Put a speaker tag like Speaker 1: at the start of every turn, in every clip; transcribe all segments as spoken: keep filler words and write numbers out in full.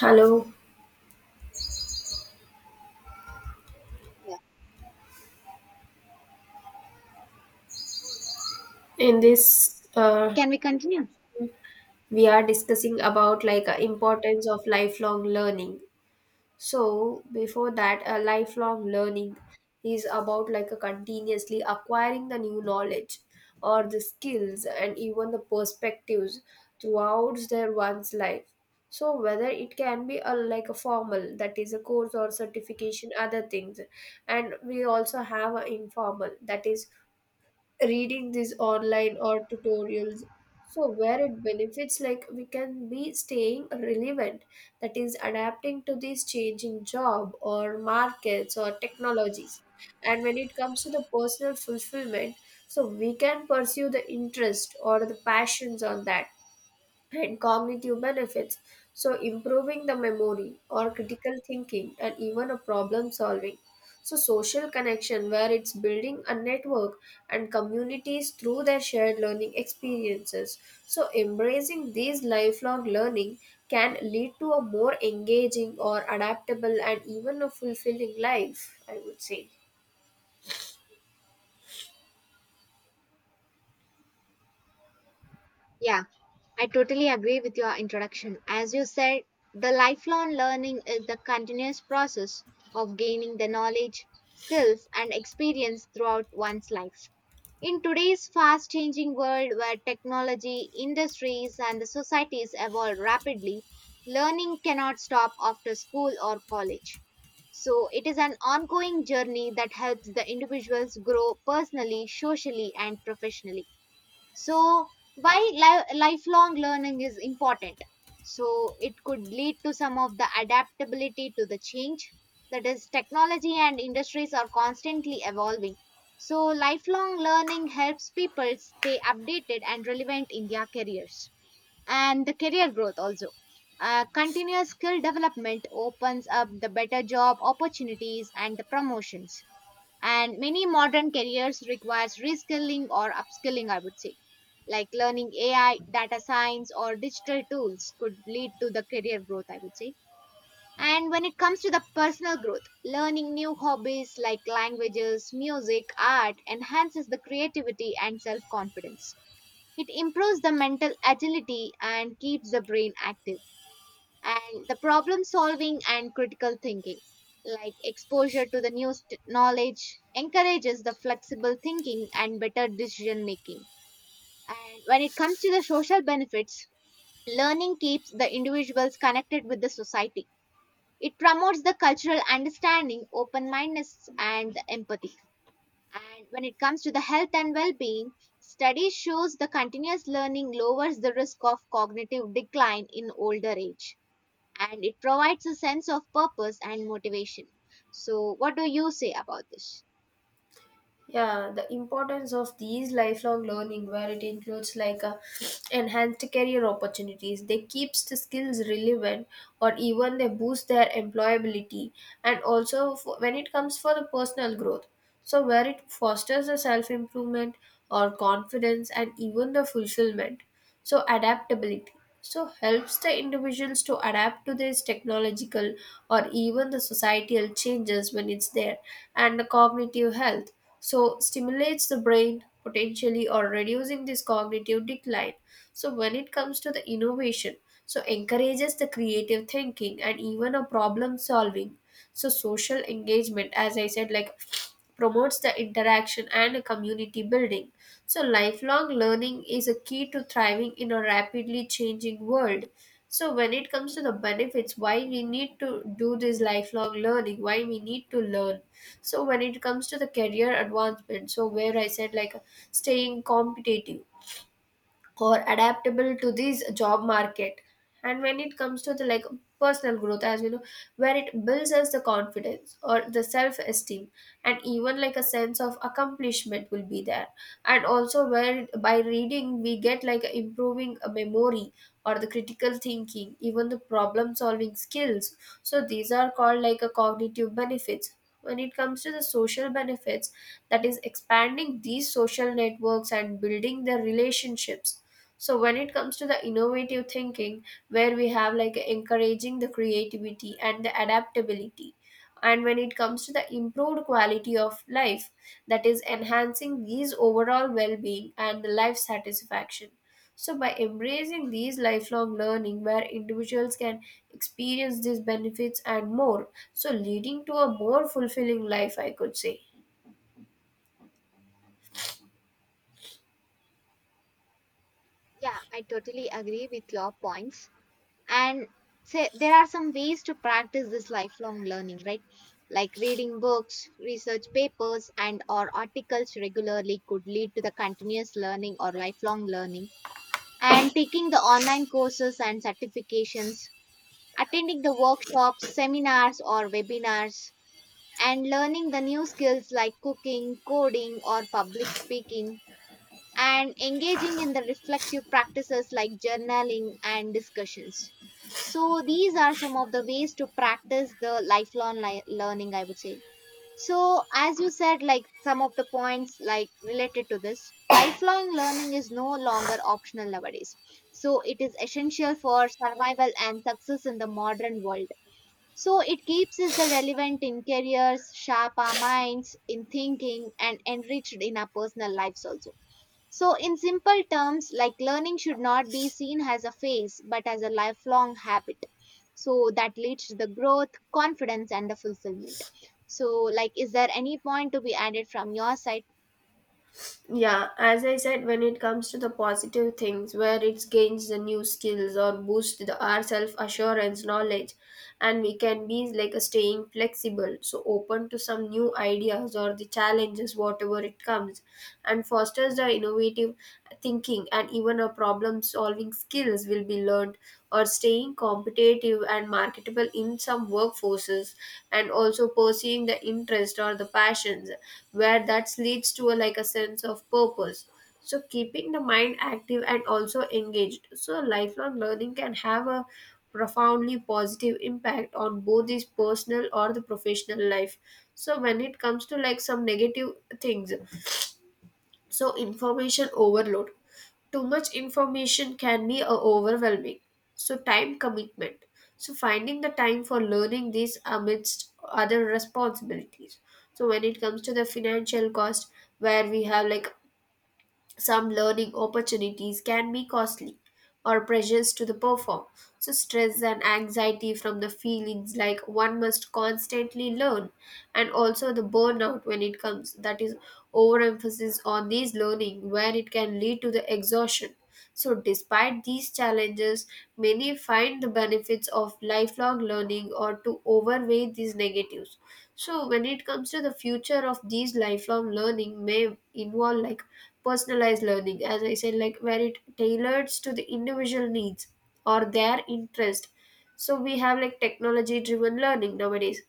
Speaker 1: Hello.
Speaker 2: Yeah.
Speaker 1: In this, uh,
Speaker 2: Can we continue?
Speaker 1: we are discussing about like uh, importance of lifelong learning. So before that, uh, lifelong learning is about like a continuously acquiring the new knowledge or the skills and even the perspectives throughout their one's life. So whether it can be a like a formal, that is a course or certification, other things. And we also have a informal, that is reading these online or tutorials, so where it benefits like we can be staying relevant, that is adapting to these changing job or markets or technologies. And when it comes to the personal fulfillment, so we can pursue the interest or the passions on that. And cognitive benefits, so improving the memory or critical thinking and even a problem solving. So social connection, where it's building a network and communities through their shared learning experiences. So embracing these lifelong learning can lead to a more engaging or adaptable and even a fulfilling life, I would say.
Speaker 2: Yeah, I totally agree with your introduction. As you said, the lifelong learning is the continuous process of gaining the knowledge, skills, and experience throughout one's life. In today's fast changing world where technology, industries, and the societies evolve rapidly, learning cannot stop after school or college. So, it is an ongoing journey that helps the individuals grow personally, socially, and professionally. So why li- lifelong learning is important? So it could lead to some of the adaptability to the change, that is technology and industries are constantly evolving, so lifelong learning helps people stay updated and relevant in their careers. And the career growth also, uh, continuous skill development opens up the better job opportunities and the promotions, and many modern careers requires reskilling or upskilling, I would say, like learning A I, data science, or digital tools could lead to the career growth, I would say. And when it comes to the personal growth, learning new hobbies like languages, music, art enhances the creativity and self confidence. It improves the mental agility and keeps the brain active. And the problem solving and critical thinking, like exposure to the new st- knowledge encourages the flexible thinking and better decision making. And when it comes to the social benefits, learning keeps the individuals connected with the society. It promotes the cultural understanding, open mindedness, and the empathy. And when it comes to the health and well-being, study shows the continuous learning lowers the risk of cognitive decline in older age, and it provides a sense of purpose and motivation. So, what do you say about this?
Speaker 1: Yeah, the importance of these lifelong learning, where it includes like a enhanced career opportunities, they keeps the skills relevant or even they boost their employability. And also for, when it comes for the personal growth, so where it fosters the self improvement or confidence and even the fulfillment. So adaptability, so helps the individuals to adapt to these technological or even the societal changes when it's there. And the cognitive health, so stimulates the brain potentially or reducing this cognitive decline. So when it comes to the innovation, so encourages the creative thinking and even a problem solving. So social engagement, as I said, like promotes the interaction and community building. So, lifelong learning is a key to thriving in a rapidly changing world. So, when it comes to the benefits, why we need to do this lifelong learning, why we need to learn. So, when it comes to the career advancement, so where I said like staying competitive or adaptable to this job market. And when it comes to the like personal growth, as you know, where it builds us the confidence or the self esteem, and even like a sense of accomplishment will be there. And also where by reading we get like improving a memory or the critical thinking, even the problem solving skills. So these are called like a cognitive benefits. When it comes to the social benefits, that is expanding these social networks and building their relationships. So when it comes to the innovative thinking, where we have like encouraging the creativity and the adaptability. And when it comes to the improved quality of life, that is enhancing these overall well-being and the life satisfaction. So by embracing these lifelong learning, where individuals can experience these benefits and more, so leading to a more fulfilling life, I could say.
Speaker 2: Yeah, I totally agree with your points. And say there are some ways to practice this lifelong learning, right? Like reading books, research papers, and or articles regularly could lead to the continuous learning or lifelong learning. And taking the online courses and certifications, attending the workshops, seminars, or webinars, and learning the new skills like cooking, coding, or public speaking, and engaging in the reflective practices like journaling and discussions. So, these are some of the ways to practice the lifelong li- learning, I would say. So, as you said, like some of the points like related to this, lifelong learning is no longer optional nowadays. So, it is essential for survival and success in the modern world. So it keeps us the relevant in careers, sharp our minds in thinking, and enriched in our personal lives also. So in simple terms, like learning should not be seen as a phase but as a lifelong habit. So that leads to the growth, confidence, and the fulfillment. So, like, is there any point to be added from your side?
Speaker 1: Yeah, as I said, when it comes to the positive things, where it gains the new skills or boost the, our self assurance, knowledge, and we can be like a staying flexible, so open to some new ideas or the challenges, whatever it comes. And fosters the innovative thinking and even our problem solving skills will be learned, or staying competitive and marketable in some workforces. And also pursuing the interest or the passions, where that leads to a, like a sense of purpose, so keeping the mind active and also engaged. So lifelong learning can have a profoundly positive impact on both his personal or the professional life. So when it comes to like some negative things, so, information overload. Too much information can be uh, overwhelming. So, time commitment. So, finding the time for learning this amidst other responsibilities. So, when it comes to the financial cost, where we have like some learning opportunities can be costly, or pressures to the perform. So, stress and anxiety from the feelings like one must constantly learn. And also the burnout when it comes, that is overemphasis on these learning where it can lead to the exhaustion. So, despite these challenges, many find the benefits of lifelong learning or to overweigh these negatives. So when it comes to the future of these lifelong learning, may involve like personalized learning, as I said, like where it tailors to the individual needs or their interest. So we have like technology driven learning nowadays,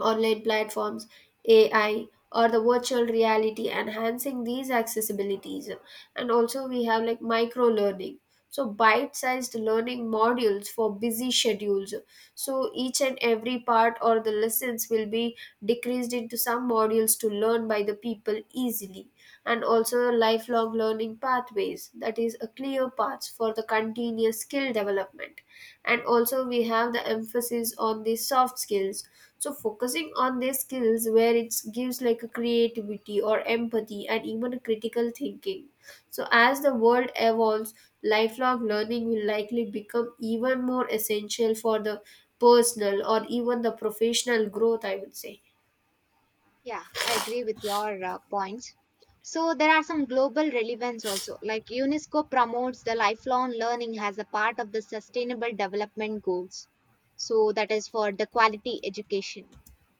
Speaker 1: online platforms, A I, or the virtual reality, enhancing these accessibilities. And also, we have like micro learning. So, bite sized learning modules for busy schedules. So, each and every part or the lessons will be decreased into some modules to learn by by the people easily. And also lifelong learning pathways, that is a clear path for the continuous skill development. And also we have the emphasis on the soft skills. So focusing on these skills, where it gives like a creativity or empathy and even a critical thinking. So as the world evolves, lifelong learning will likely become even more essential for the personal or even the professional growth, I would say.
Speaker 2: Yeah, I agree with your uh, points. So there are some global relevance also. Like UNESCO promotes the lifelong learning as a part of the sustainable development goals. So that is for the quality education.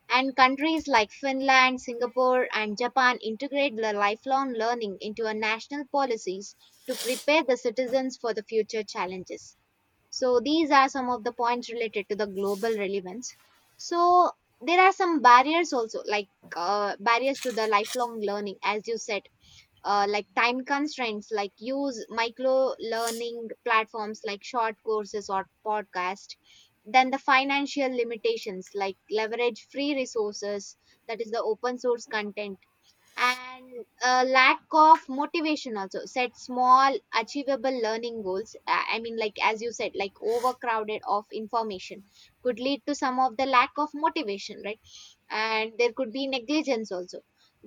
Speaker 2: And countries like Finland, Singapore, and Japan integrate the lifelong learning into a national policies to prepare the citizens for the future challenges. So these are some of the points related to the global relevance. So there are some barriers also, like uh, barriers to the lifelong learning, as you said, uh, like time constraints, like use micro learning platforms like short courses or podcast. Then the financial limitations, like leverage free resources, that is the open source content, and a lack of motivation also, set small achievable learning goals. Uh, I mean, like as you said, like overcrowded of information could lead to some of the lack of motivation, right? And there could be negligence also.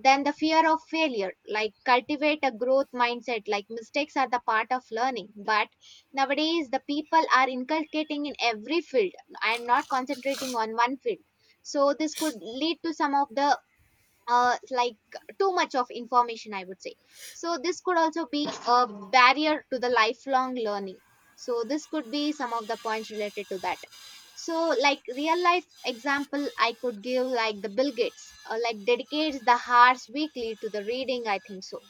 Speaker 2: Then the fear of failure, like cultivate a growth mindset, like mistakes are the part of learning, but nowadays the people are inculcating in every field and not concentrating on one field, so this could lead to some of the, uh, like, too much of information, I would say. So, this could also be a barrier to the lifelong learning. So, this could be some of the points related to that. So, like real life example, I could give like the Bill Gates, uh, like dedicates the hours weekly to the reading, I think so.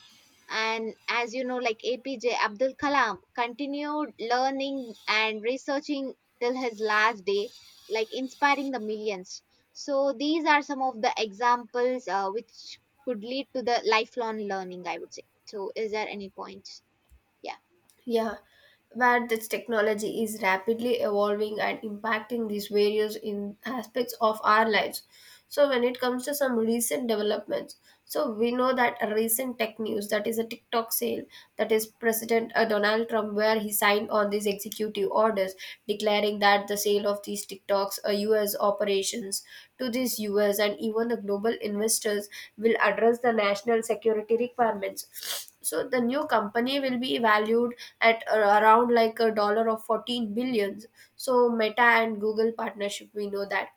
Speaker 2: And as you know, like A P J Abdul Kalam continued learning and researching till his last day, like inspiring the millions. So these are some of the examples, uh, which could lead to the lifelong learning, I would say. So is there any points? Yeah,
Speaker 1: Yeah, where this technology is rapidly evolving and impacting these various in aspects of our lives. So when it comes to some recent developments, so we know that a recent tech news, that is a TikTok sale, that is President uh, Donald Trump, where he signed on these executive orders declaring that the sale of these TikToks uh, U S operations to these U S and even the global investors will address the national security requirements. So the new company will be valued at uh, around like a dollar of fourteen billions. So Meta and Google partnership, we know that.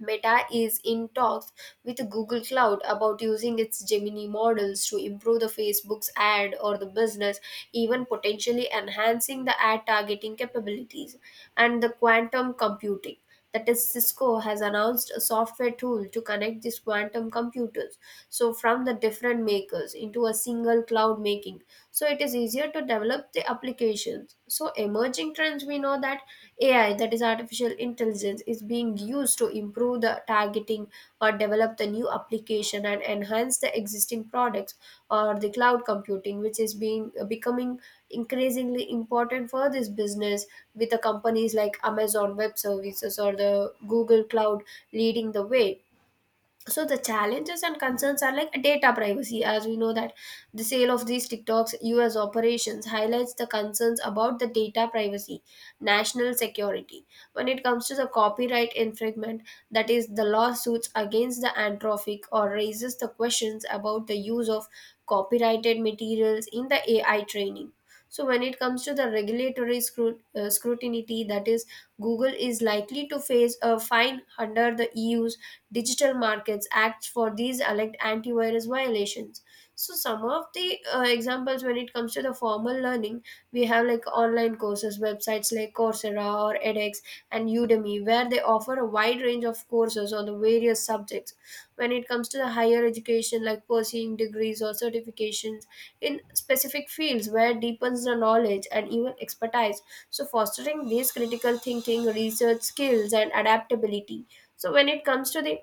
Speaker 1: Meta is in talks with Google Cloud about using its Gemini models to improve the Facebook's ad or the business, even potentially enhancing the ad targeting capabilities and the quantum computing. That is, Cisco has announced a software tool to connect these quantum computers, so from the different makers into a single cloud, making so it is easier to develop the applications. So emerging trends, we know that A I, that is artificial intelligence, is being used to improve the targeting or develop the new application and enhance the existing products. Or the cloud computing which is being becoming increasingly important for this business, with the companies like Amazon Web Services or the Google Cloud leading the way. So the challenges and concerns are like data privacy, as we know that the sale of these TikTok's U S operations highlights the concerns about the data privacy, national security. When it comes to the copyright infringement, that is the lawsuits against the Anthropic, or raises the questions about the use of copyrighted materials in the A I training. So when it comes to the regulatory scrut- uh, scrutiny, that is Google is likely to face a fine under the E U's Digital Markets Act for these alleged antivirus violations. So some of the uh, examples, when it comes to the formal learning, we have like online courses, websites like Coursera or edX and Udemy, where they offer a wide range of courses on the various subjects. When it comes to the higher education, like pursuing degrees or certifications in specific fields, where deepens the knowledge and even expertise. So fostering these critical thinking, research skills, and adaptability. So when it comes to the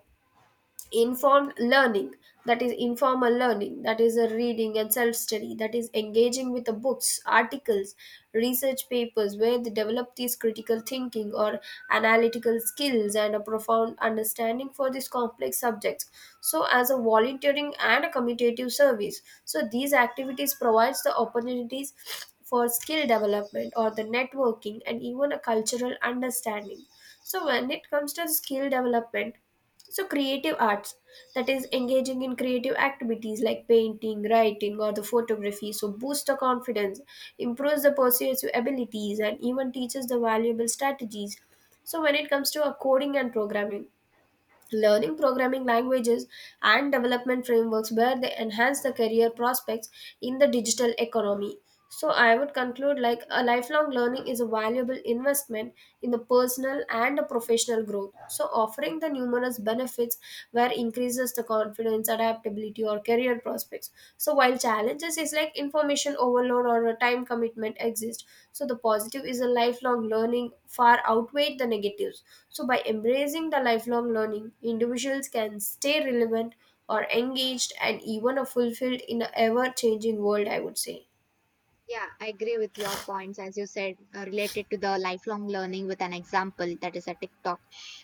Speaker 1: informed learning, that is informal learning, that is a reading and self study, that is engaging with the books articles research papers, where they develop these critical thinking or analytical skills and a profound understanding for these complex subjects. So as a volunteering and a commutative service, so these activities provides the opportunities for skill development or the networking and even a cultural understanding. So when it comes to skill development, so, creative arts, that is engaging in creative activities like painting, writing, or the photography, so boosts the confidence, improves the persuasive abilities, and even teaches the valuable strategies. So, when it comes to uh, coding and programming, learning programming languages and development frameworks where they enhance the career prospects in the digital economy. So I would conclude like a lifelong learning is a valuable investment in the personal and the professional growth, so offering the numerous benefits, where increases the confidence, adaptability, or career prospects. So while challenges is like information overload or a time commitment exist, so the positive is a lifelong learning far outweigh the negatives. So by embracing the lifelong learning, individuals can stay relevant or engaged and even a fulfilled in an ever changing world, I would say.
Speaker 2: yeah, I agree with your points, as you said, uh, related to the lifelong learning with an example, that is a TikTok.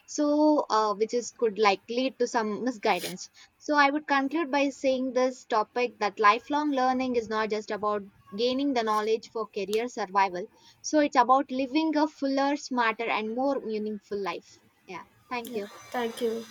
Speaker 2: So, uh, which is could like lead to some misguidance. So I would conclude by saying this topic that lifelong learning is not just about gaining the knowledge for career survival. So it's about living a fuller, smarter, and more meaningful life. Yeah, thank
Speaker 1: Yeah,
Speaker 2: you.
Speaker 1: thank you.